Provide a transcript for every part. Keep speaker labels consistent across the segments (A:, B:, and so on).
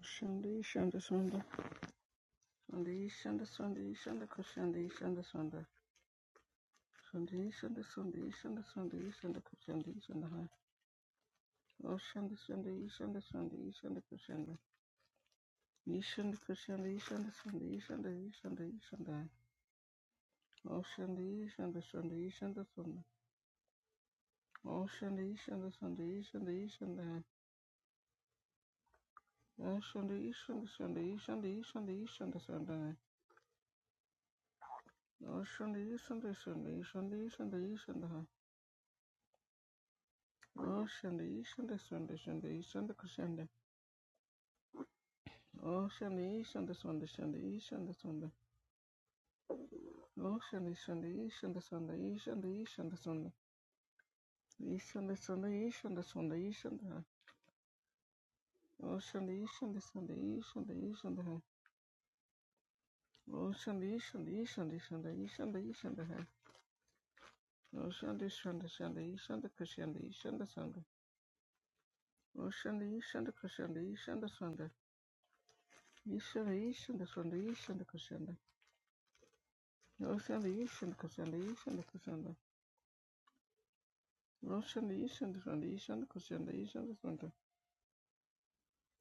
A: Shandi Shanda Sunda Shandi Shanda Sandi Shanda Kushandi Shanda Sunda Shandi Shanda Sandi Shanda Sandi Shanda Kushandi Shanda Hai O Shanda Sandi Shanda Sandi Shanda Kushanda Nishanda Kushandi Shanda Sandi Shanda Shanda Shanda Hai O Shandi Shanda Sandi Shanda Sunda O Shandi Shanda Sandi Shanda Shanda Hai O Shandi Shanda Sandi Shanda Shanda Shanda Shanda Hai O Shandi Shanda Sandi Shanda Shanda Shanda Hai Oh, Sunday, Sunday, Sunday, Sunday, Sunday, Sunday, shanda, kushanda. Oh, Sunday, Sunday, Sunday, Sunday, Sunday, Sunday, shanda, shanda. Oh, Sunday, Sunday, Sunday, Sunday, Sunday, Sunday, Sunday, Sunday, Sunday, Sunday, Sunday, Sunday, shanda, ee, shanda, shanda, ee, shanda. Oh, Sunday, Sunday, Sunday, Sunday, Sunday, shanda, ee, shanda. Oh, Sunday, Sunday, Sunday, Sunday, Sunday, Sunday, ee, shanda, ee, shanda. Oh, Sunday, Sunday, Sunday, Sunday, Sunday, Sunday, Sunday, shanda, shanda. Oh, Sunday, Sunday, Sunday, Sunday, Sunday, Sunday, Sunday, Sunday, Sunday, Sunday, shanda, shanda, ee, shanda, kushanda. Oh, Sunday, Sunday, Sunday, Sunday, Sunday, shanda, kushanda. Notion değişen değişen değişen koşan değişen sonda.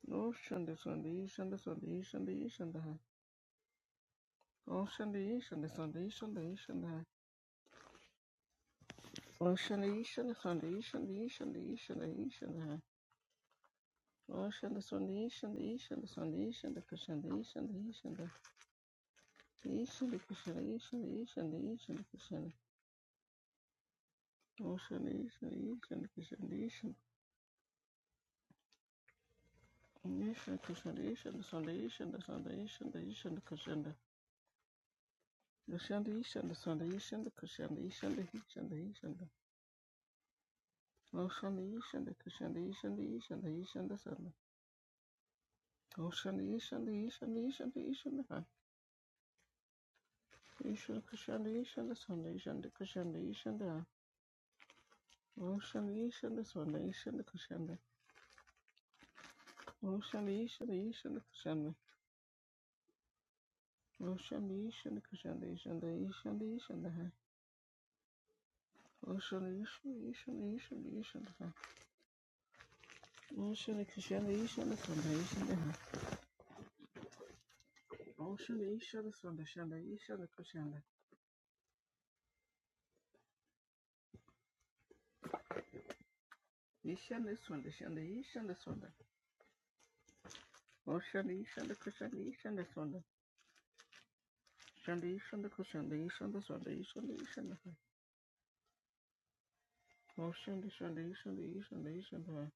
A: Notion değişen değişen değişen değişen değişen daha. Notion değişen değişen değişen değişen daha. Notion değişen değişen değişen değişen değişen değişen daha. Notion değişen değişen değişen değişen değişen de koşan değişen değişen de. Değişen de koşan değişen değişen değişen de koşan. Notion değişen değişen de koşan değişen. Değişen koşan değişen de son değişen de son değişen değişen de koşan Kushanda yishanda sanda yishanda kushanda yishanda yishanda yishanda. Oshanda yishanda kushanda yishanda yishanda yishanda sanda. Oshanda yishanda yishanda yishanda yishanda ha. Yishanda kushanda yishanda sanda yishanda kushanda yishanda ha. Oshanda yishanda sanda yishanda kushanda. Oshanda yishanda yishanda kushanda. Oshanda yishanda kushanda yishanda yishanda yishanda ha. yishanda yishanda yishanda yishanda ha. kushanda yishanda sanda yishanda Oh, shanda yishanda swanda shanda yishanda kushanda. Yishanda swanda shanda yishanda swanda. Oh, shanda yishanda kushanda yishanda swanda. Shanda yishanda kushanda yishanda swanda yishanda yishanda. Oh, shanda shanda yishanda yishanda yishanda.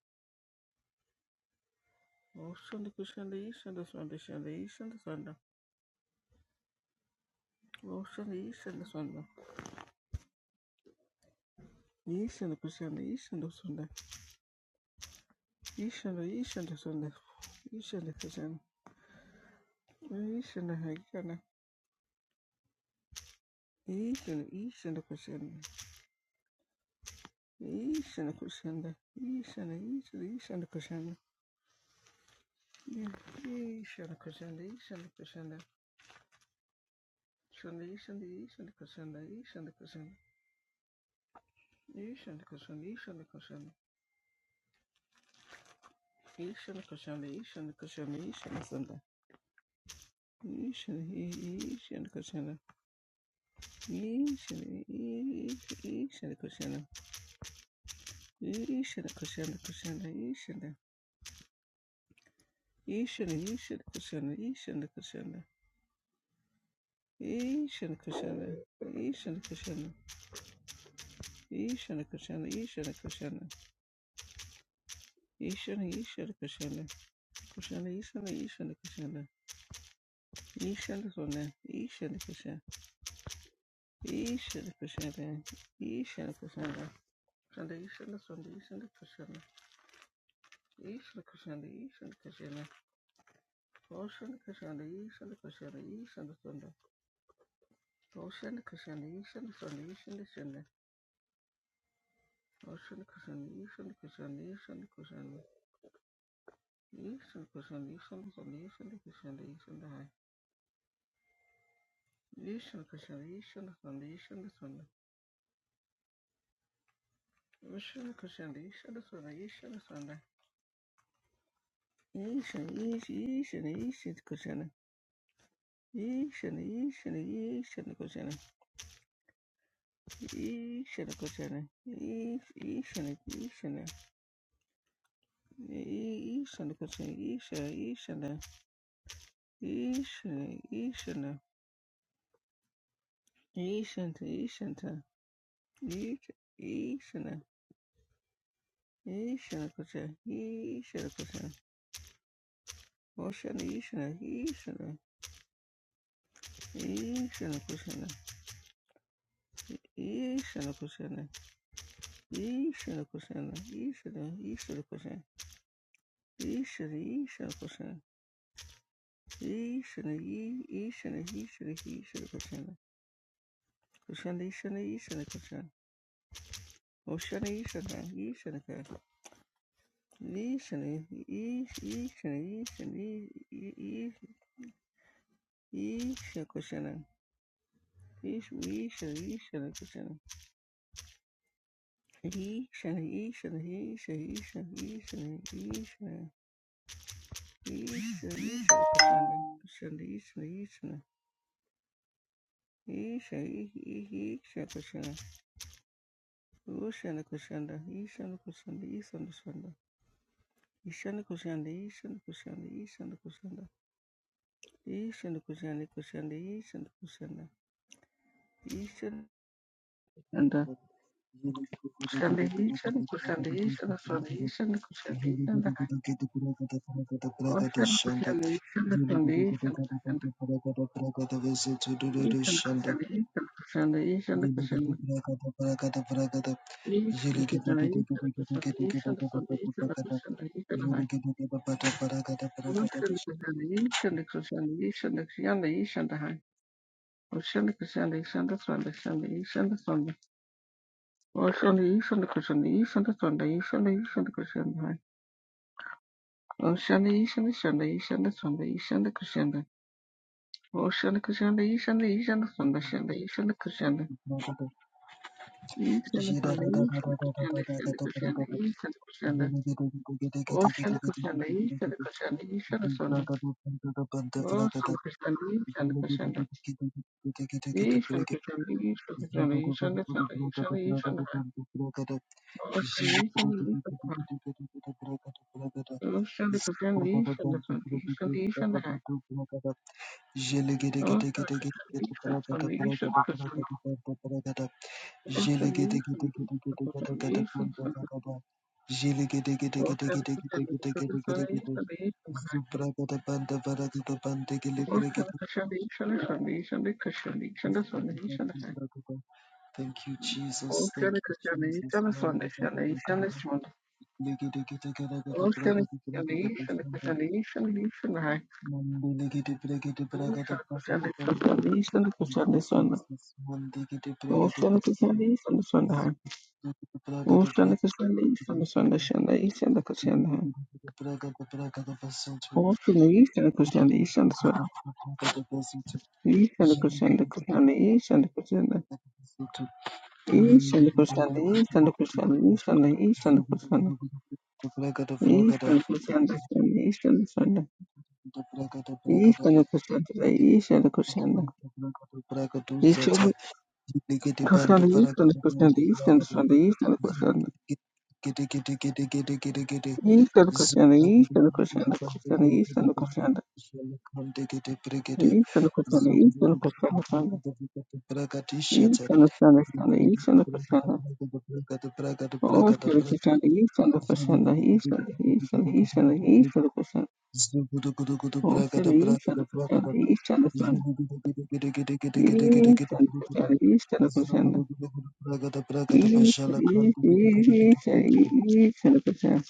A: Oh, shanda kushanda yishanda swanda shanda yishanda swanda. Oh, shanda yishanda swanda. Yishanda kushanda yishanda swanda. Yishanda yishanda swanda. Yishanda kushanda. Yishanda hayana. Yishanda yishanda kushanda. Ishana Kushanda, Ishana, Ishana, Ishana Kushanda, Ishana Kushanda, Ishana Kushanda, Shanda, Ishana, Ishana Kushanda, Ishana Kushanda, Ishana Kushanda, Ishana Kushanda, Ishana Kushanda, Ishana Kushanda, Ishana Sanda, Ishana, Ishana Kushanda, Ishana, Ishana Kushanda, Ishana Kushanda, Kushanda, Ishana, Ishana, Ishana Kushanda, Ishana Kushanda, Ishana Kushanda, Ishana Kushanda, Ishana kushana Ishana kushana Ishana Ishana kushana Kushana Ishana Ishana kushana Ishana sona Ishana kusha Ishana kushana Ishana kushana Sunday Ishana sona Ishana kushana Ishana kushana Ishana sona Ishana kushana Ishana sona Ishana Sunday, Ocean kushana Ishana kushana Ishana Sunday, Ocean kushana Ishana sona Ishana kushana Ishana kushana Ishana kushana Ishana sona Ishana kushana Ishana High. Yishana Krishna, Yishana Sanda, Yishana Sanda, Vishana Krishna, Yishana Sanda, Yishana Sanda, Yishana, Yishana, Yishana Krishna, Yishana, Yishana, Yishana Krishna, Yishana Krishna, Yishana, Yishana, Yishana Krishna, Yishana, Yishana, Yishana, Yishana, Yishanta, Yishanta, Yishana, Yishana Krishna, Yishana Krishna, Ocean Yishana, Yishana, Ishana kushana, Ishana kushana, Ishana kushana, Ishana, Ishana kushana, Ishana, Ishana kushana, Ishana, I, Ishana, Ishana, Ishana, Ishana kushana, Kushana, Ishana, Ishana kushana, Kushana, Ishana, Ishana kushana, Ishana, I, Ishana, Ishana, Ishana, I, I, Ishana kushana, Ish, Ishana, Ishana kushana, Ishana, Ishana, Ishana, Ishana, Ishana, Ishana. Ishana Kushanda, Ishana Ishana Ishana Ish Ish Ishana Kushanda, Oshana Kushanda, Ishana Kushanda, Ishana Kushanda, Ishana Kushanda, Ishana Kushanda, Ishana Kushanda, Ishana Kushanda, Kushanda Ishana Kushanda, Ishana Kushanda,
B: Jele
A: Oshana Kushanda, Ishana Kushanda, Ishana Kushanda, Ishana Kushanda, Ishana Kushanda, Ishana Kushanda, Ishana Kushanda. Ocean Crescendo, Eastern Crescendo, Eastern Crescendo,
B: Zillegedegedegedegede,
A: Oh, Shankarachandra, Shankarachandra. Ye Shankarachandra, Ye Shankarachandra, Ye Shankarachandra, Ye Shankarachandra, Ye Shankarachandra. Oh, Shankarachandra, Ye Shankarachandra. Oh, Shankarachandra, Ye Shankarachandra, Ye
B: prakata,
A: Shankarachandra, Ye
B: prakata, prakata,
A: Shankarachandra.
B: prakata, prakata.
A: Oh,
B: Thank
A: Shankarachandra,
B: you,
A: Ye Shankarachandra, Ye Shankarachandra. Oh, Shankarachandra, Ye Shankarachandra, Ye Shankarachandra. Oh, Shankarachandra, Ye Shankarachandra, Ye Shankarachandra, Ye Shankarachandra. Oh, Shankarachandra, Ye Shankarachandra, Ye Shankarachandra, Ye Shankarachandra, Ye Shankarachandra. Oh, Shankarachandra, Ye
B: Jesus. Thank you, Jesus.
A: Shankarachandra,
B: Mandi
A: Ye
B: gada
A: Shankarachandra, Ye
B: bakanda.
A: Shankarachandra.
B: Legede gede gada gada
A: Awesome
B: bragada bragada
A: explanation,
B: bashanda.
A: explanation, explanation, right?
B: Mandi legede bragada bragada bragada
A: Question,
B: bragada.
A: explanation,
B: Thank
A: question,
B: you,
A: this one.
B: Jesus. Mandi gede bragada
A: Ocean
B: bragada
A: reconciliation, reconciliation,
B: bragada bragada bashanda.
A: reconciliation, right? Ocean reconciliation, reconciliation. Ocean reconciliation, reconciliation. Ocean reconciliation, reconciliation, reconciliation, reconciliation. Ocean reconciliation,
B: Zata
A: reconciliation, reconciliation, reconciliation, reconciliation. Ocean reconciliation, reconciliation, reconciliation, reconciliation. Ocean reconciliation, reconciliation, reconciliation, reconciliation.
B: Likiti bantu
A: Christianity,
B: para bantu
A: Christianity, Christianity,
B: para kata
A: Christianity, Eastern
B: kiti kiti kiti kiti kiti kiti
A: Christianity, Eastern Christianity, Christianity, Eastern Christianity, Eastern Christianity, Eastern Christianity, Eastern Christianity, Eastern
B: Prakata
A: Christianity,
B: prakata prakata
A: Oh,
B: prakata
A: Eastern Christianity, Eastern Christianity, Eastern, Eastern, Eastern,
B: prakata
A: Eastern Christianity,
B: Zugudu gudu gudu
A: Oh,
B: bragada
A: Eastern, Eastern
B: bragada bragada.
A: Christianity, Eastern Christianity,
B: Zugudu gudu gudu gudu gudu gudu gudu gudu
A: Eastern Christianity, Eastern
B: gudu gudu.
A: Christianity, Eastern, Eastern,
B: Zugudu gudu gudu bragada bragada bashala kandu gudu gudu gudu gudu
A: Eastern Christianity,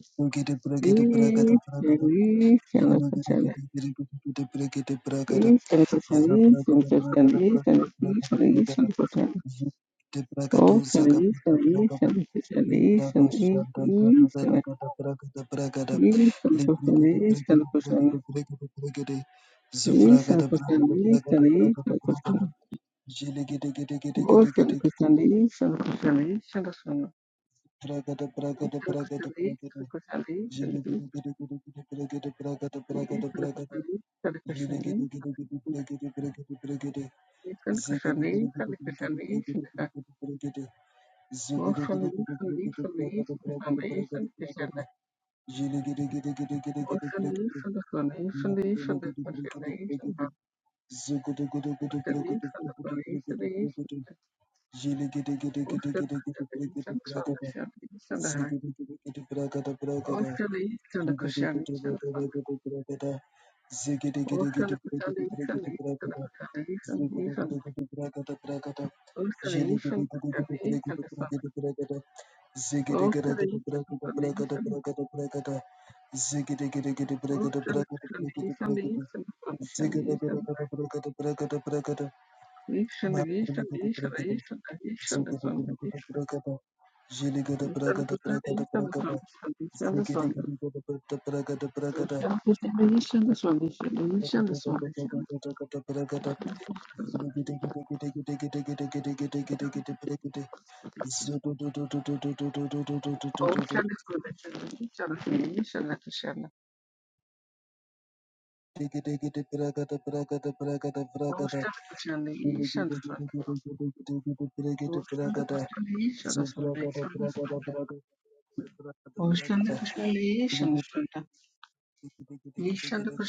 B: gudu. Gudu bragada bragada
A: Eastern,
B: bragada.
A: Eastern
B: Zugudu gudu
A: Christianity.
B: gudu gudu gudu gudu bragada bragada.
A: Listen, listen, listen,
B: Zabragada
A: listen, listen,
B: bragada
A: listen,
B: bragada bragada
A: listen,
B: bragada.
A: listen.
B: Ziggy
A: Listen, listen, listen, listen, listen, li- listen, listen, listen, listen, listen, listen, listen, listen, listen, listen. Listen, listen, listen, listen, listen, listen. Listen, listen, listen, listen, listen, listen. Listen, listen, listen, listen, listen. Listen, listen, listen, listen, listen. Listen,
B: Ziggy
A: listen, listen, listen, listen, listen. Ocean, the east and the east and the east and the east and the east and the
B: ziggy, Zugada
A: sun, the
B: gudu gudu
A: east
B: bragada, jeli
A: Ocean,
B: gada bragada bragada bragada, zigidi gidi gada bragada bragada bragada, gada gada gada gada gada gada bragada, jeli gidi gidi gidi gidi gidi gidi gidi gidi gidi gidi bragada, zudu du du du du du du du du du du du du du, gidi gidi bragada bragada bragada bragada, jeli gidi gidi gidi gidi gidi gidi bragada bragada, Zubragada, bragada, bragada, bragada, bragada, bragada.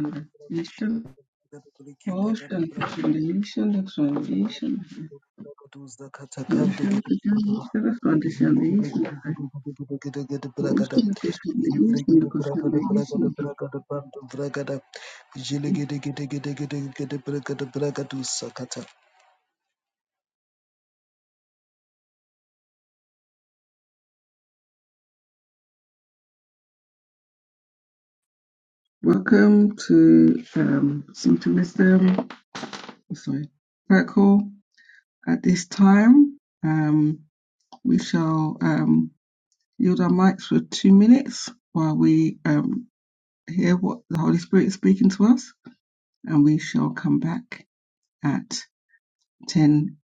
B: God
A: Welcome to um, Simple Wisdom, oh, sorry, Circle. At this time, um, we shall um, yield our mics for two minutes while we um, hear what the Holy Spirit is speaking to us, and we shall come back at ten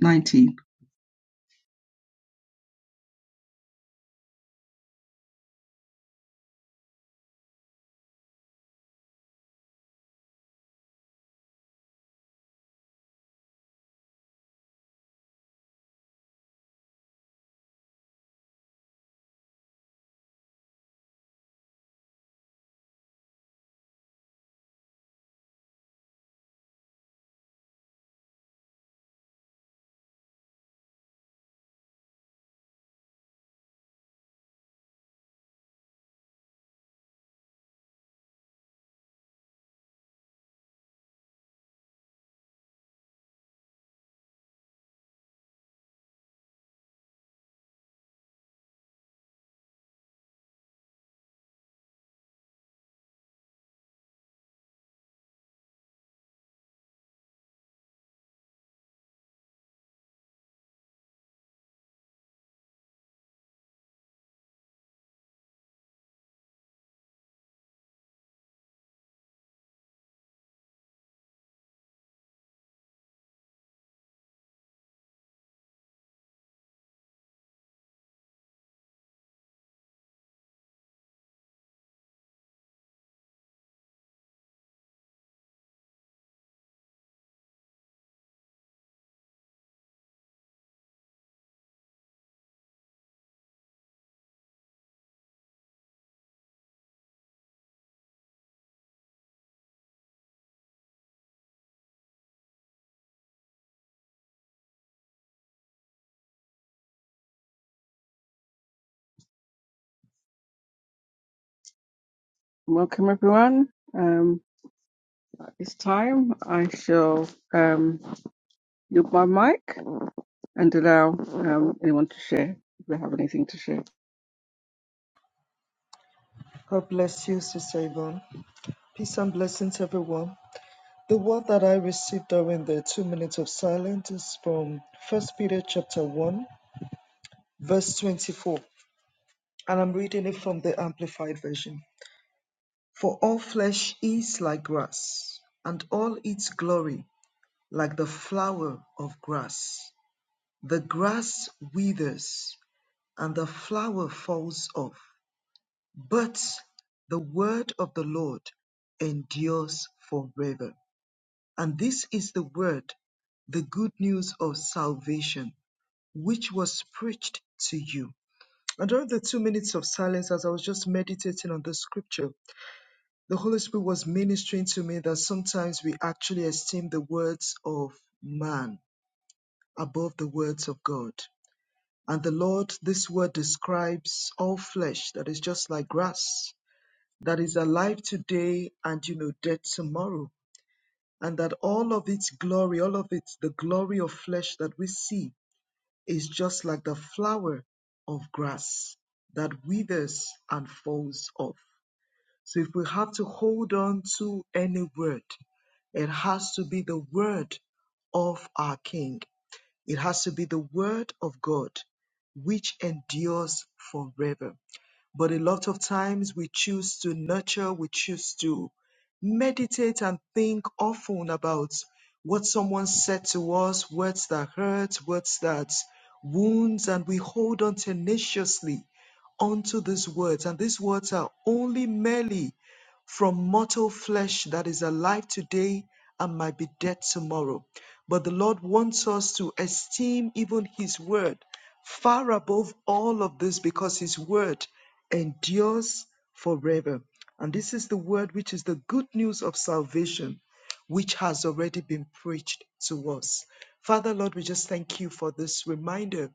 A: nineteen. Welcome, everyone. Um, at this time, I shall. um, You my mic and allow um, anyone to share if they have anything to share.
B: bless you, Sister Yvonne. Peace and blessings, everyone. The word that I received during the two minutes of silence is from First Peter chapter 1, verse 24. And I'm reading it from the Amplified Version. For all flesh is like grass, and all its glory like the flower of grass. The grass withers, and the flower falls off, but the word of the Lord endures forever. And this is the word, the good news of salvation, which was preached to you. And during the two minutes of silence, as I was just meditating on the scripture, the Holy Spirit was ministering to me that sometimes we actually esteem the words of man above the words of God. And the Lord, this word describes all flesh that is just like grass, that is alive today and, you know, dead tomorrow. And that all of its glory, all of its, the glory of flesh that we see is just like the flower of grass that withers and falls off. So if we have to hold on to any word, it has to be the word of our King. It has to be the word of God, which endures forever. But a lot of times we choose to nurture, we choose to meditate and think often about what someone said to us, words that hurt, words that wounds, and we hold on tenaciously onto these words. And these words are only merely from mortal flesh that is alive today and might be dead tomorrow. But the Lord wants us to esteem even His word far above all of this because his word endures forever. And this is the word which is the good news of salvation, which has already been preached to us. Father, Lord, we just thank you for this reminder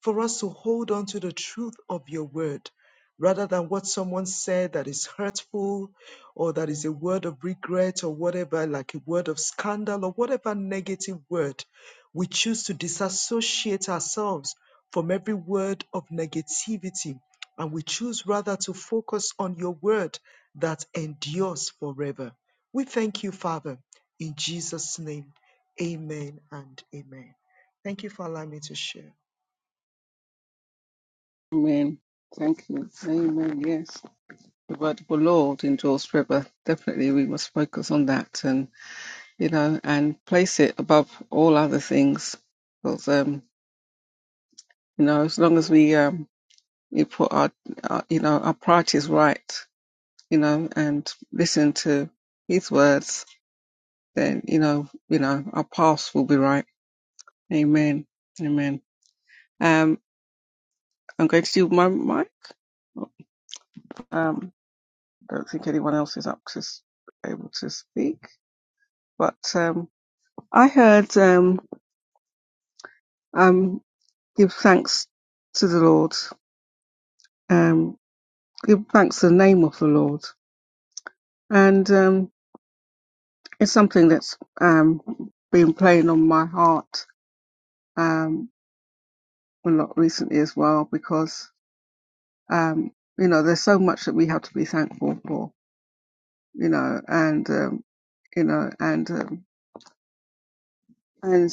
B: for us to hold on to the truth of your word rather than what someone said that is hurtful or that is a word of regret or whatever, like a word of scandal or whatever negative word. We choose to disassociate ourselves from every word of negativity and we choose rather to focus on your word that endures forever. We thank you, Father, in Jesus' name. Amen and amen. Thank you for allowing me to share.
A: Amen. Thank you. Amen. Yes. The word of the Lord endures forever. Definitely we must focus on that and you know and place it above all other things. Because um, you know, as long as we um we put our, our you know, our priorities right, you know, and listen to his words, then you know, you know, our paths will be right. Amen. Amen. Um. I'm going to do my mic. Um, don't think anyone else is up to s- able to speak. But um, I heard um, um, give thanks to the Lord. Um, give thanks to the name of the Lord, and um, it's something that's um, been playing on my heart um, a lot recently as well because um, you know there's so much that we have to be thankful for. You know, and um, you know, and um, and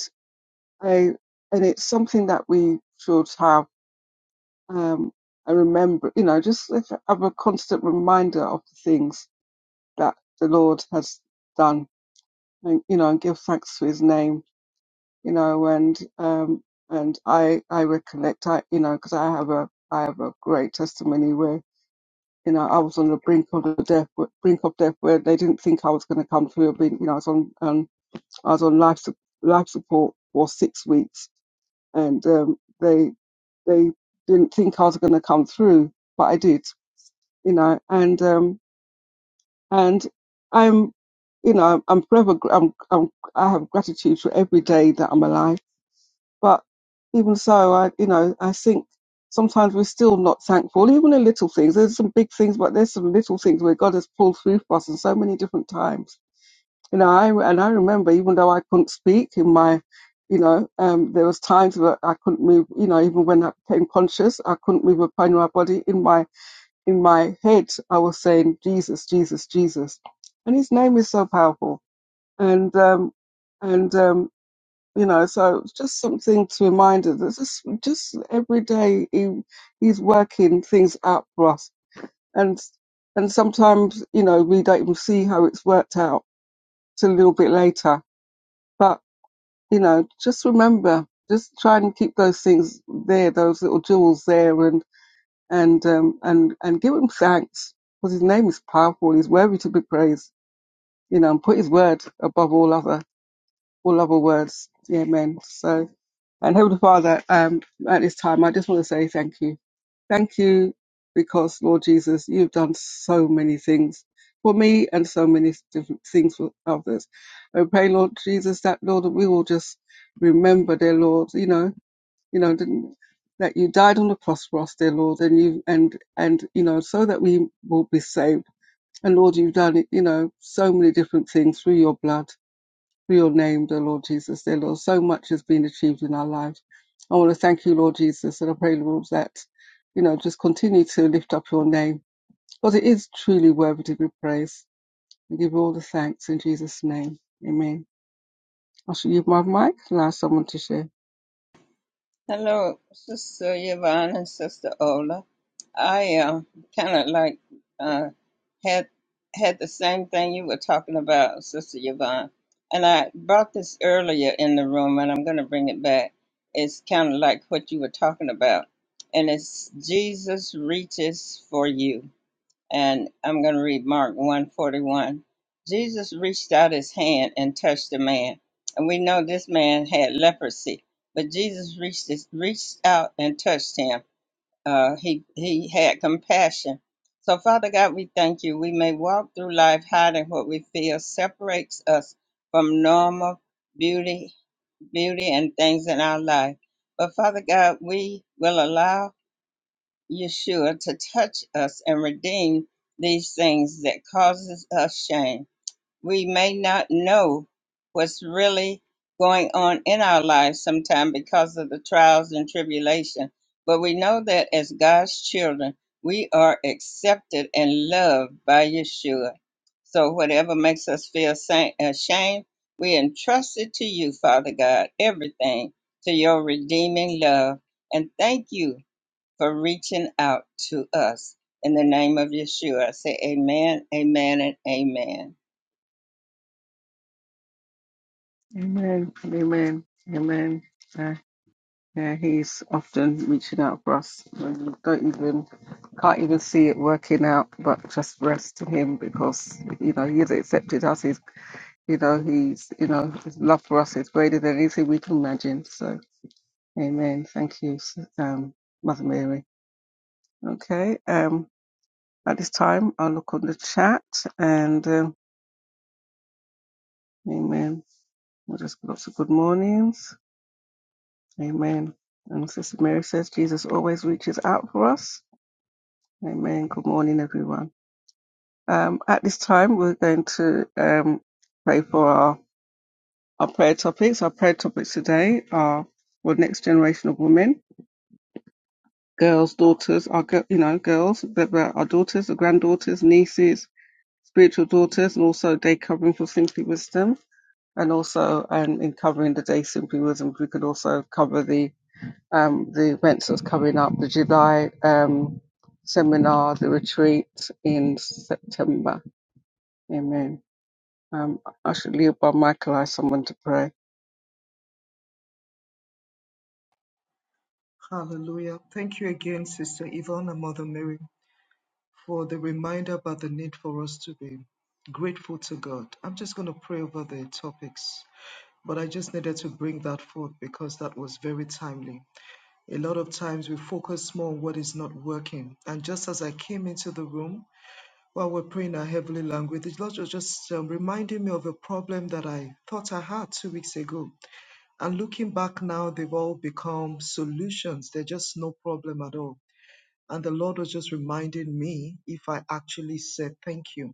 A: I, and it's something that we should have um, a remember, you know, just like have a constant reminder of the things that the Lord has done, and, you know, and give thanks to His name, you know, and um, and I I recollect, I you know, because I have a I have a great testimony where you know I was on the brink of the death brink of death where they didn't think I was going to come through. I've been, you know, I was on um, I was on life su- life support for six weeks, and um, they they didn't think I was going to come through, but I did, you know. And um, and I'm, you know, I'm forever. gr- I'm, I'm I have gratitude for every day that I'm alive. But even so, I, you know, I think sometimes we're still not thankful, even in little things. There's some big things, but there's some little things where God has pulled through for us in so many different times you know, I and I remember even though I couldn't speak in my, you know, um, there was times that I couldn't move. You know, even when I became conscious, I couldn't move a part of my body. In my in my head, I was saying Jesus, Jesus, Jesus, and His name is so powerful. And um, and um, you know, so it's just something to remind us that just just every day He He's working things out for us. And and sometimes you know we don't even see how it's worked out till a little bit later but you know, just remember, just try and keep those things there, those little jewels there, and and um, and and give him thanks because his name is powerful. He's worthy to be praised. You know, and put his word above all other all other words. Yeah, Amen. So. And Heavenly Father, um, at this time, I just want to say thank you. Thank you because, Lord Jesus, you've done so many things for me and so many different things for others. I pray, Lord Jesus, that, Lord, we will just remember, dear Lord, you know, you know, didn't- that you died on the cross for us, dear Lord, and you, and, and, you know, so that we will be saved. And Lord, you've done it, you know, so many different things through your blood for your name, dear Lord Jesus. Dear Lord, so much has been achieved in our lives. I want to thank you, Lord Jesus, and I pray, Lord, that, you know, just continue to lift up your name because it is truly worthy to be praised. We give you all the thanks in Jesus' name. Amen. I shall give my mic, allow someone to share.
C: Hello, Sister Yvonne and Sister Ola. I um kind of like uh, had had the same thing you were talking about, Sister Yvonne, and I brought this earlier in the room, and I'm going to bring it back. It's kind of like what you were talking about, and it's Jesus reaches for you and I'm going to read Mark 141. Jesus reached out his hand and touched the man. And we know this man had leprosy, but Jesus reached his, reached out and touched him. Uh, he he had compassion. So Father God, we thank you. We may walk through life hiding what we feel separates us from normal beauty, beauty and things in our life. But Father God, we will allow Yeshua to touch us and redeem these things that causes us shame. We may not know what's really going on in our lives sometime because of the trials and tribulation, but we know that as God's children, we are accepted and loved by Yeshua. So whatever makes us feel sa- ashamed, we entrust it to you, Father God, everything to your redeeming love. And thank you for reaching out to us. In the name of Yeshua, I say amen, amen, and amen.
A: Amen. Amen. Amen. Uh, yeah, he's often reaching out for us when we don't even, can't even see it working out, but just rest in him because, you know, he has accepted us. You know, He's, you know, His love for us is greater than anything we can imagine. So, Amen. Thank you, um, Mother Mary. Okay. Um, at this time, I'll look on the chat and um, Amen. We'll just give lots of good mornings. Amen. And Sister Mary says Jesus always reaches out for us. Amen. Good morning, everyone. Um, at this time, we're going to um, pray for our, our prayer topics. Our prayer topics today are for the next generation of women girls' daughters our gi- you know girls that were our daughters, our granddaughters, nieces, spiritual daughters, and also day covering for Simply Wisdom, and also um, in covering the day Simply Wisdom, we could also cover the um, the events that's coming up, the July um, seminar, the retreat in September. Amen. Um, I should leave by Michael. I someone to pray.
B: Hallelujah. Thank you again, Sister Yvonne and Mother Mary, for the reminder about the need for us to be grateful to God. I'm just going to pray over the topics, but I just needed to bring that forth because that was very timely. A lot of times we focus more on what is not working. And just as I came into the room, while we're praying our heavenly language, the Lord was just um, reminding me of a problem that I thought I had two weeks ago. And looking back now, they've all become solutions. They're just no problem at all and the Lord was just reminding me if I actually said thank you.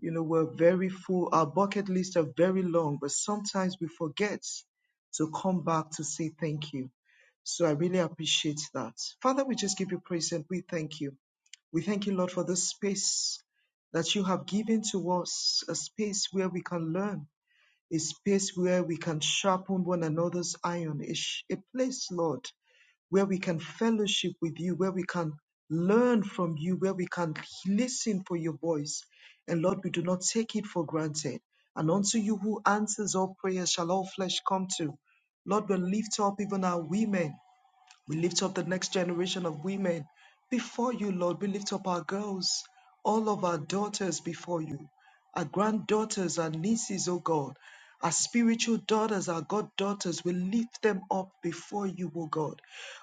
B: You know, we're very full, our bucket lists are very long, but sometimes we forget to come back to say thank you. So I really appreciate that. Father, we just give you praise and we thank you. We thank you, Lord, for this space that you have given to us, a space where we can learn, a space where we can sharpen one another's iron, a, sh- a place, Lord, where we can fellowship with you, where we can learn from you, where we can listen for your voice. And Lord, we do not take it for granted. And unto you who answers all prayers shall all flesh come to. Lord, we lift up even our women we lift up the next generation of women before you, Lord. We lift up our girls, all of our daughters before you, our granddaughters, our nieces, oh God, our spiritual daughters, our goddaughters. We lift them up before you, O God.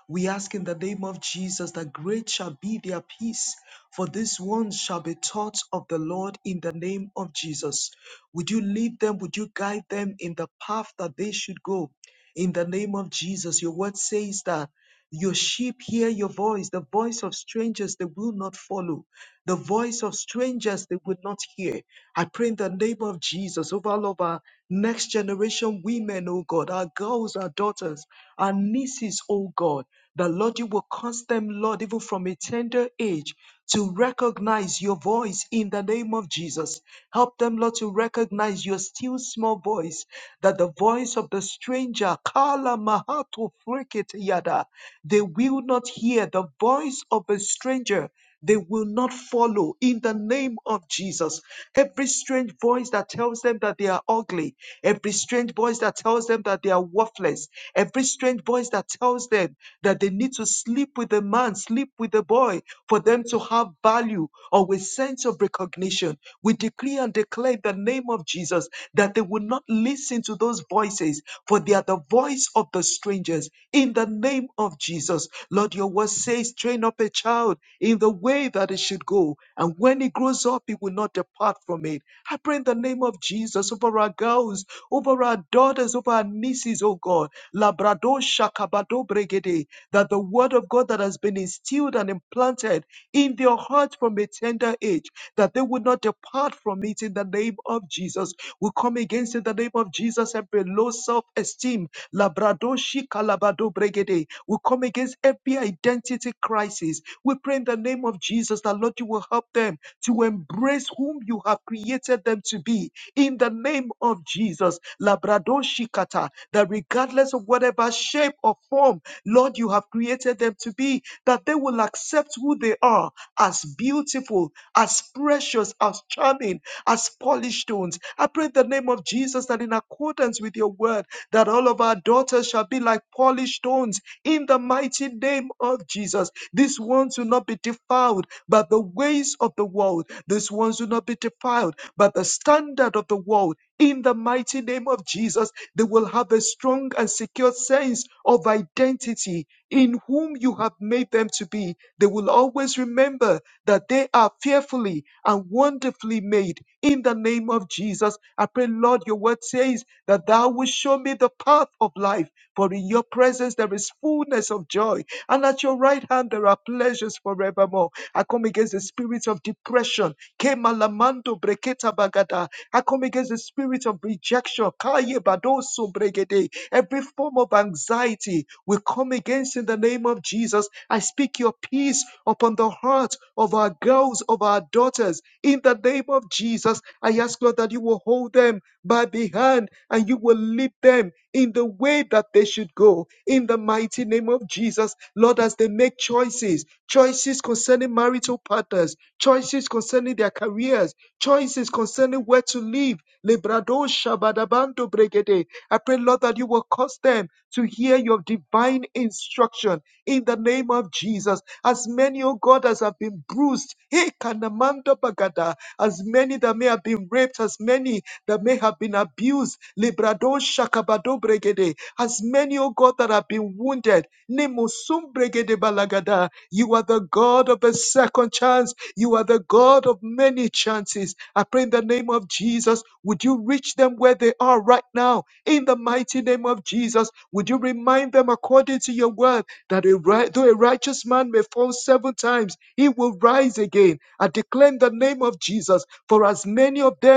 B: We ask in the name of Jesus that great shall be their peace, for these ones shall be taught of the Lord in the name of Jesus. Would you lead them? Would you guide them in the path that they should go? in the name of Jesus. Your word says that. Your sheep hear your voice, the voice of strangers they will not follow, the voice of strangers they will not hear. I pray in the name of Jesus over all of our next generation women, oh God, our girls, our daughters, our nieces, oh God, that Lord, you will cause them, Lord, even from a tender age, to recognize your voice in the name of Jesus. Help them, Lord, to recognize your still small voice, that the voice of the stranger, Kala Mahato Frikit Yada, they will not hear the voice of a stranger they will not follow in the name of Jesus. Every strange voice that tells them that they are ugly, every strange voice that tells them that they are worthless, every strange voice that tells them that they need to sleep with a man, sleep with a boy for them to have value, or with sense sense of recognition. We decree and declare in the name of Jesus that they will not listen to those voices, for they are the voice of the strangers. In the name of Jesus, Lord, your word says, train up a child in the way that it should go, and when he grows up, he will not depart from it. I pray in the name of Jesus over our girls, over our daughters, over our nieces, oh God, Labrador Shakabado Bregede, that the word of God that has been instilled and implanted in their heart from a tender age, that they would not depart from it in the name of Jesus. We come against in the name of Jesus every low self esteem. Labradoshi kalabado bregede. We come against every identity crisis. We pray in the name of Jesus that Lord, you will help them to embrace whom you have created them to be in the name of Jesus. Labradoshi kata. That regardless of whatever shape or form, Lord, you have created them to be that they will accept who they are as beautiful, as precious, as charming, as polished stones. I pray in the name of Jesus that in accordance with your word, that all of our daughters shall be like polished stones in the mighty name of Jesus. These ones will not be defiled by the ways of the world. These ones will not be defiled by the standard of the world. In the mighty name of Jesus, they will have a strong and secure sense of identity in whom you have made them to be. They will always remember that they are fearfully and wonderfully made. In the name of Jesus, I pray, Lord, your word says that thou will show me the path of life life, but in your presence there is fullness of joy, and at your right hand there are pleasures forevermore. I come against the spirit of depression. Kemalamando breketa bagada. I come against the spirit of rejection. Kaye badoso bregede. Every form of anxiety we come against in the name of Jesus. I speak your peace upon the heart of our girls, of our daughters. In the name of Jesus, I ask Lord that you will hold them by the hand and you will lead them in the way that they should go. In the mighty name of Jesus, Lord, as they make choices, choices concerning marital partners, choices concerning their careers, choices concerning where to live. Lebrado shabadabando bregede. I pray, Lord, that you will cause them to hear your divine instruction in the name of Jesus. As many, oh God, as have been bruised, hey, kanamando bagada, as many that may have been raped, as many that may have been abused. Librado shakabado bregede. As many, O God, that have been wounded. Nemusum bregede balagada. You are the God of a second chance. You are the God of many chances. I pray in the name of Jesus, would you reach them where they are right now? In the mighty name of Jesus, would you remind them according to your word that a right, though a righteous man may fall seven times, he will rise again. I declare in the name of Jesus, for as many of them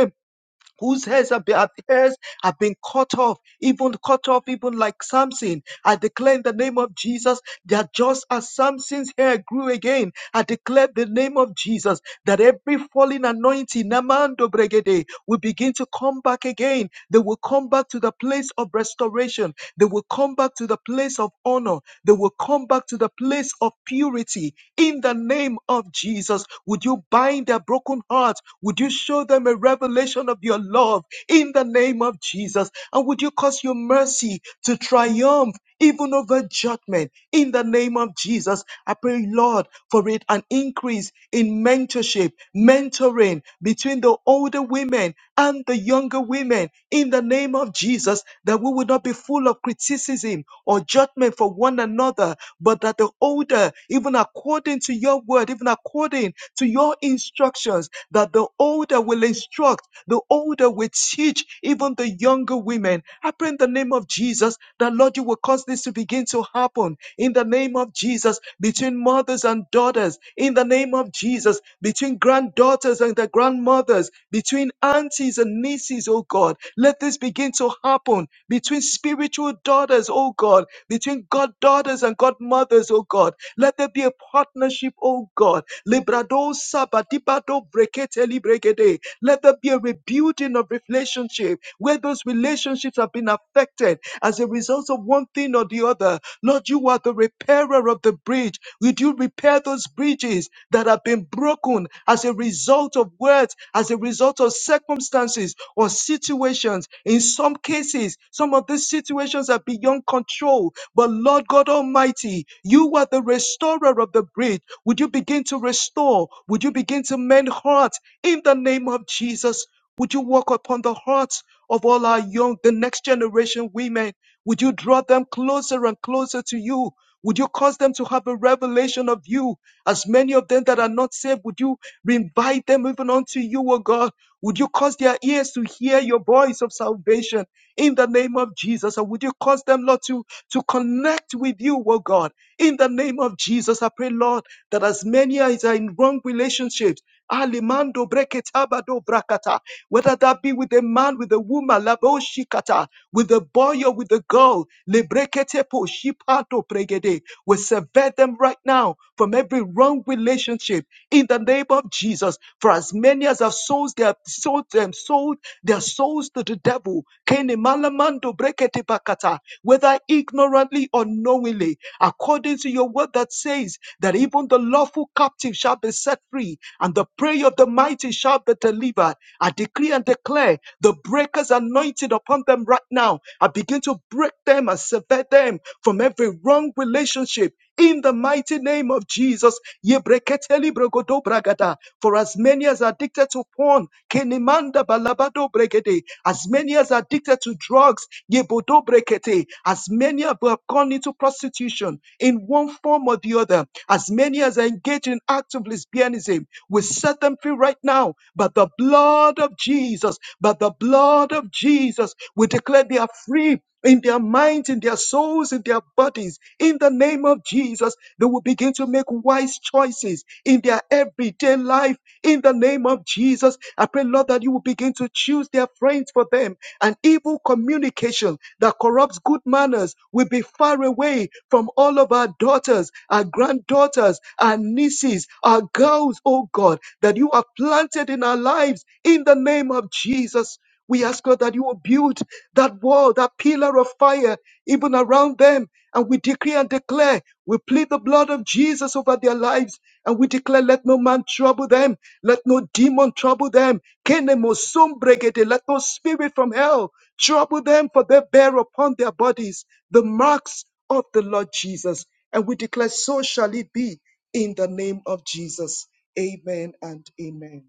B: whose hairs have been, hairs have been cut off, even cut off, even like Samson. I declare in the name of Jesus that just as Samson's hair grew again, I declare the name of Jesus that every falling anointing, Namando Bregede, will begin to come back again. They will come back to the place of restoration. They will come back to the place of honor. They will come back to the place of purity in the name of Jesus. Would you bind their broken hearts? Would you show them a revelation of your love in the name of Jesus? And would you cause your mercy to triumph? even over judgment. In the name of Jesus, I pray, Lord, for it an increase in mentorship, mentoring between the older women and the younger women. In the name of Jesus, that we would not be full of criticism or judgment for one another, but that the older, even according to your word, even according to your instructions that the older will instruct, the older will teach even the younger women. I pray in the name of Jesus that, Lord, you will cause this to begin to happen in the name of Jesus between mothers and daughters, in the name of Jesus between granddaughters and their grandmothers, between aunties and nieces, oh God. Let this begin to happen between spiritual daughters, oh God, between goddaughters and godmothers, oh God. Let there be a partnership, oh God Librado sabadibado brekete libregede. Let there be a rebuilding of relationship where those relationships have been affected as a result of one thing or the other. Lord, you are the repairer of the bridge. Would you repair those bridges that have been broken as a result of words, as a result of circumstances or situations? In some cases, some of these situations are beyond control. But Lord God Almighty, you are the restorer of the bridge. Would you begin to restore? Would you begin to mend hearts in the name of Jesus? Would you walk upon the hearts of all our young, the next generation women? Would you draw them closer and closer to you? Would you cause them to have a revelation of you? As many of them that are not saved, would you invite them even unto you, O God? Would you cause their ears to hear your voice of salvation in the name of Jesus? And would you cause them, Lord, to, to connect with you, O God, in the name of Jesus? I pray, Lord that as many as are in wrong relationships, alimando breketabado brakata, whether that be with a man, with a woman, laboshikata, with a boy or with a girl, lebreketepo shipato pregede, we sever them right now from every wrong relationship in the name of Jesus. For as many as have sold their sold them sold their souls to the devil, Kene malamando brekete bakata, whether ignorantly or knowingly, according to your word that says that even the lawful captive shall be set free, and the prayer of the mighty shall be delivered. I decree and declare the breakers anointed upon them right now. I begin to break them and sever them from every wrong relationship in the mighty name of Jesus. Yebreketeli brogodobragada. For as many as are addicted to porn, kenimanda balabado bregede. as many as are addicted to drugs, yebodo brekete. as many as have gone into prostitution in one form or the other, as many as are engaged in acts of lesbianism, we set them free right now. But the blood of Jesus, but the blood of Jesus, we declare they are free in their minds, in their souls, in their bodies. In the name of Jesus, they will begin to make wise choices in their everyday life. In the name of Jesus, I pray, Lord, that you will begin to choose their friends for them. And evil communication that corrupts good manners will be far away from all of our daughters, our granddaughters, our nieces, our girls, oh God, that you have planted in our lives in the name of Jesus. We ask God that you will build that wall, that pillar of fire, even around them. And we decree and declare, we plead the blood of Jesus over their lives. And we declare, let no man trouble them. Let no demon trouble them. Kenemosombrigede, Let no spirit from hell trouble them, for they bear upon their bodies the marks of the Lord Jesus. And we declare, so shall it be in the name of Jesus. Amen and amen.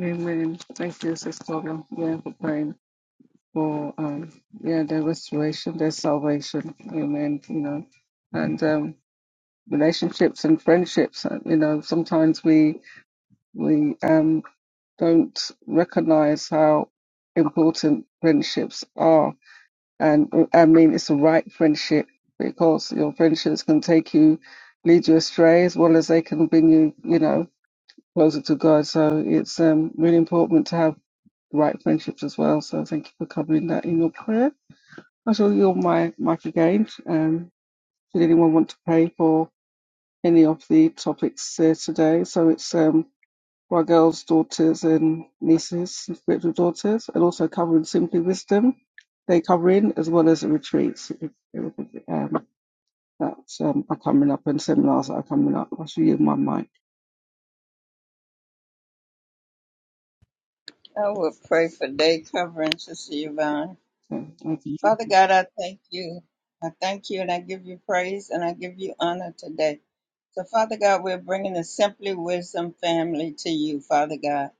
A: Amen. Thank you, Sister. Lauren. Yeah, for praying. for um yeah their restoration, their salvation. Amen. You know, and um, relationships and friendships. uh, You know, sometimes we we um don't recognize how important friendships are, and uh, I mean it's the right friendship because your friendships can take you, lead you astray as well as they can bring you, you know, closer to God. So it's um really important to have the right friendships as well. So thank you for covering that in your prayer i all all my, my few games. Um, did anyone want to pay for any of the topics uh, today? So it's um, for our girls, daughters, and nieces, and spiritual daughters, and also covering Simply Wisdom, day covering, as well as the retreats if- if, um, that um, are coming up and seminars that are coming up. I should use my mic.
C: I will pray for day covering, Sister Yvonne.
A: So, thank you,
C: Father God, I thank you. I thank you and I give you praise and I give you honor today. So, Father God, we're bringing the Simply Wisdom family to you, Father God.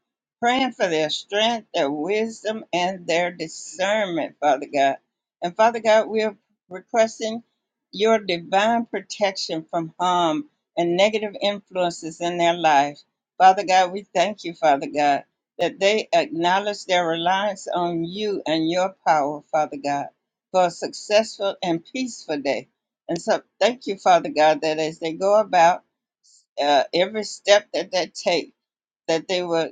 C: Praying for their strength, their wisdom, and their discernment, Father God. And Father God, we're requesting your divine protection from harm and negative influences in their life. Father God, we thank you, Father God, that they acknowledge their reliance on you and your power, Father God, for a successful and peaceful day. And so thank you, Father God, that as they go about uh, every step that they take, that they will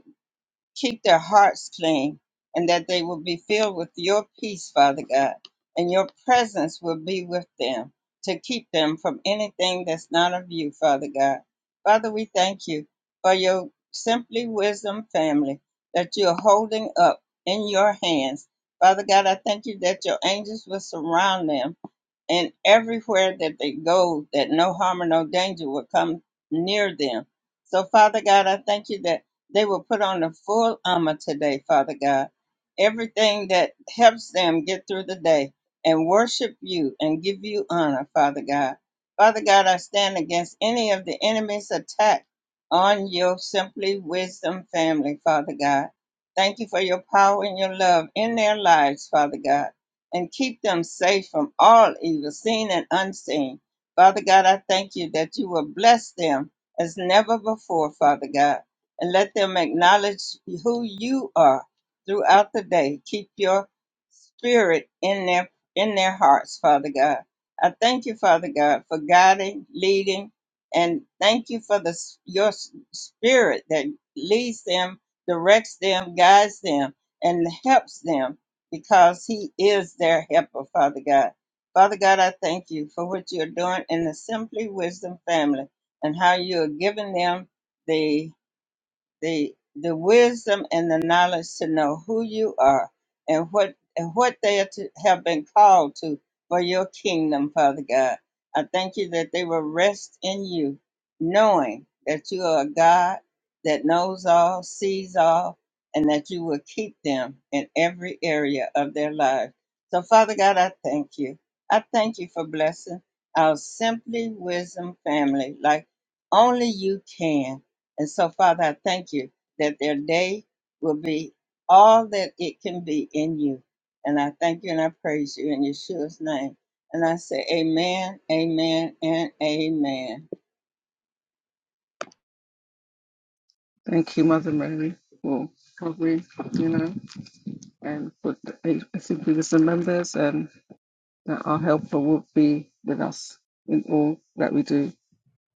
C: keep their hearts clean and that they will be filled with your peace, Father God, and your presence will be with them to keep them from anything that's not of you, Father God. Father, we thank you for your Simply Wisdom family that you're holding up in your hands. Father God, I thank you that your angels will surround them and everywhere that they go, that no harm or no danger will come near them. So, Father God, I thank you that they will put on the full armor today, Father God. Everything that helps them get through the day and worship you and give you honor, Father God. Father God, I stand against any of the enemy's attack on your Simply Wisdom family, Father God. Thank you for your power and your love in their lives, Father God and keep them safe from all evil, seen and unseen. Father God, I thank you that you will bless them as never before, Father God, and let them acknowledge who you are throughout the day. Keep your spirit in their in their hearts, Father God. I thank you, Father God, for guiding, leading, and thank you for the s- your s- spirit that leads them, directs them, guides them, and helps them because He is their helper, Father God. Father God, I thank you for what you're doing in the Simply Wisdom family and how you're giving them the the the wisdom and the knowledge to know who you are and what and what they are to, have been called to for your kingdom, Father God. I thank you that they will rest in you, knowing that you are a God that knows all, sees all, and that you will keep them in every area of their lives. So, Father God, I thank you. I thank you for blessing our Simply Wisdom family like only you can. And so, Father, I thank you that their day will be all that it can be in you. And I thank you and I praise you in Yeshua's name. And I say, Amen, Amen, and Amen.
A: Thank you, Mother Mary, for covering, you know, and for the Simply Wisdom members. and. that our helper will be with us in all that we do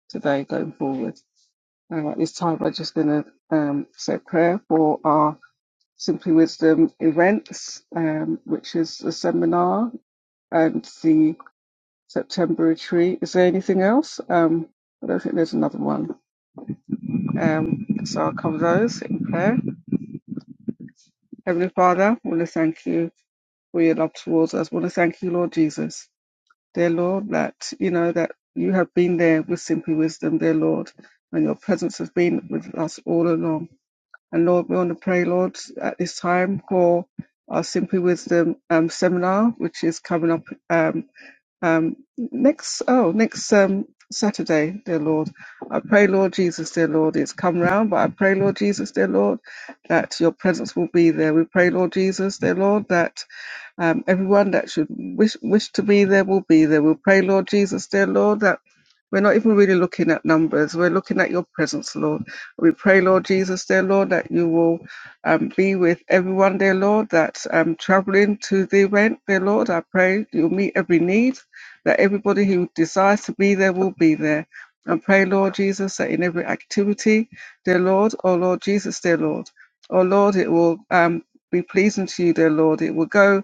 A: today going forward. And at this time, we're just going to um, say a prayer for our Simply Wisdom events, um, which is the seminar and the September retreat. Is there anything else? Um, I don't think there's another one. Um, so I'll cover those in prayer. Heavenly Father, I want to thank you for your love towards us. I want to thank you, Lord Jesus dear Lord, that you know that you have been there with simply wisdom, dear Lord, and your presence has been with us all along. And Lord, we want to pray, Lord, at this time for our Simply Wisdom um, seminar, which is coming up. Um, um, next, oh, next um, Saturday, dear Lord, I pray, Lord Jesus, dear Lord, it's come round, but I pray, Lord Jesus, dear Lord, that your presence will be there. We pray, Lord Jesus, dear Lord, that um, everyone that should wish wish to be there will be there. we pray, Lord Jesus, dear Lord, that we're not even really looking at numbers. We're looking at your presence, Lord. We pray, Lord Jesus, dear Lord, that you will um, be with everyone, dear Lord, that um, traveling to the event, dear Lord. I pray you'll meet every need that everybody who desires to be there will be there. And pray, Lord Jesus, that in every activity, dear Lord, oh Lord Jesus, dear Lord, oh Lord, it will um, be pleasing to you, dear Lord. It will go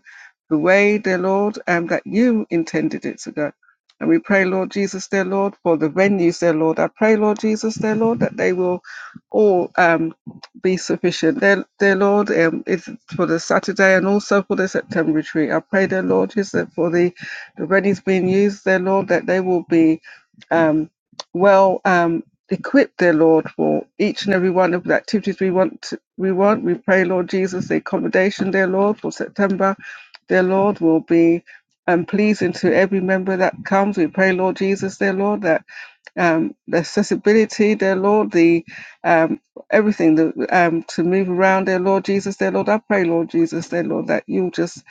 A: the way, dear Lord, um, that you intended it to go. And we pray, Lord Jesus, dear Lord, for the venues, dear Lord. I pray, Lord Jesus, dear Lord, that they will all um, be sufficient. Dear, dear Lord, um, it's for the Saturday and also for the September retreat. I pray, dear Lord, Jesus, for the the ready's being used, dear Lord, that they will be um, well um, equipped, dear Lord, for each and every one of the activities we want. To, we want. We pray, Lord Jesus, the accommodation, dear Lord, for September, dear Lord, will be um, pleasing to every member that comes. We pray, Lord Jesus, dear Lord, that um, the accessibility, dear Lord, the um, everything the, um, to move around, dear Lord Jesus, dear Lord. I pray, Lord Jesus, dear Lord, that you'll just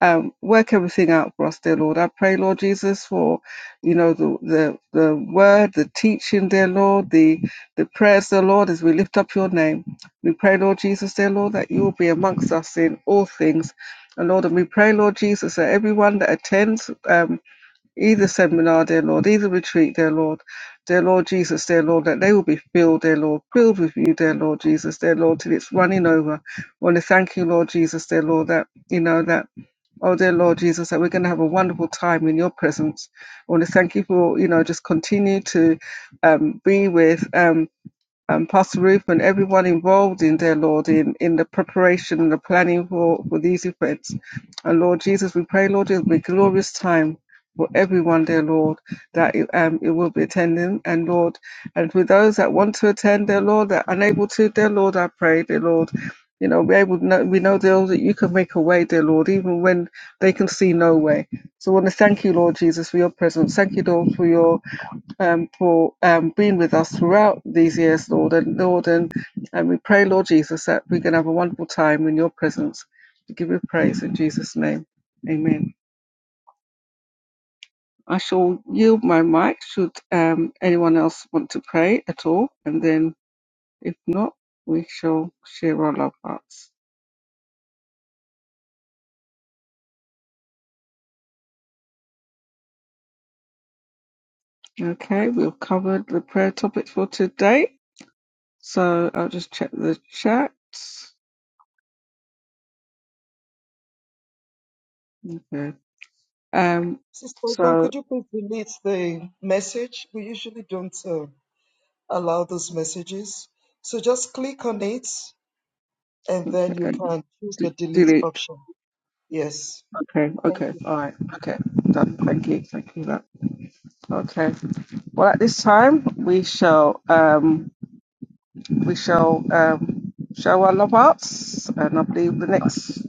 A: um, work everything out for us, dear Lord. I pray, Lord Jesus, for you know the the, the word, the teaching, dear Lord, the the prayers, dear Lord, as we lift up your name. We pray, Lord Jesus, dear Lord, that you will be amongst us in all things. And Lord, and we pray, Lord Jesus, that everyone that attends, um, either seminar, dear Lord, either retreat, dear Lord, dear Lord Jesus, dear Lord, that they will be filled, dear Lord, filled with you, dear Lord Jesus, dear Lord, till it's running over. I want to thank you, Lord Jesus, dear Lord, that you know that, oh dear Lord Jesus, that we're going to have a wonderful time in your presence. I want to thank you for, you know, just continue to um, be with. Um, um, Pastor Ruth and everyone involved in their Lord, in, in the preparation and the planning for, for these events. And Lord Jesus, we pray, Lord, it'll be a glorious time for everyone, dear Lord, that it, um, it will be attending. And Lord, and for those that want to attend, dear Lord, that are unable to, dear Lord, I pray, dear Lord, you know, we able know, we know, dear Lord, that you can make a way, dear Lord, even when they can see no way. So I want to thank you, Lord Jesus, for your presence. Thank you, Lord, for your um, for um, being with us throughout these years, Lord. And Lord, and, and we pray, Lord Jesus, that we can have a wonderful time in your presence. We give you praise in Jesus' name. Amen. I shall yield my mic should um, anyone else want to pray at all. And then if not, we shall share our love hearts. Okay, we've covered the prayer topic for today. So I'll just check the chat. Okay. Um,
B: Sister Yvonne,
A: so
B: could you please delete the message? We usually don't uh, allow those messages. So just click on it and then you
A: uh,
B: can choose the
A: d-
B: delete
A: delete.
B: option. Yes.
A: Okay,
B: Thank
A: okay,
B: you.
A: all right, okay, done. Thank you, thank you. That okay. Well, at this time, we shall um, we shall um, show our love arts, and I believe the next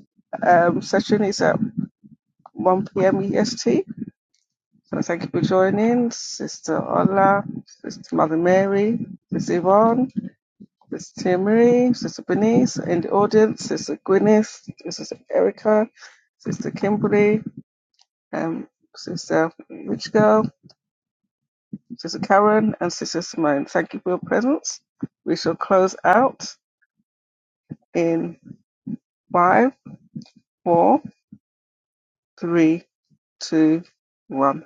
A: um session is at one p.m. EST. So thank you for joining, Sister Ola, Sister Mother Mary, Sister Yvonne, Sister Marie, Sister Bernice in the audience, Sister Gwyneth, Sister Erica, Sister Kimberly, um, Sister Rich Girl. Sister Karen and Sister Simone, thank you for your presence. We shall close out in five, four, three, two, one.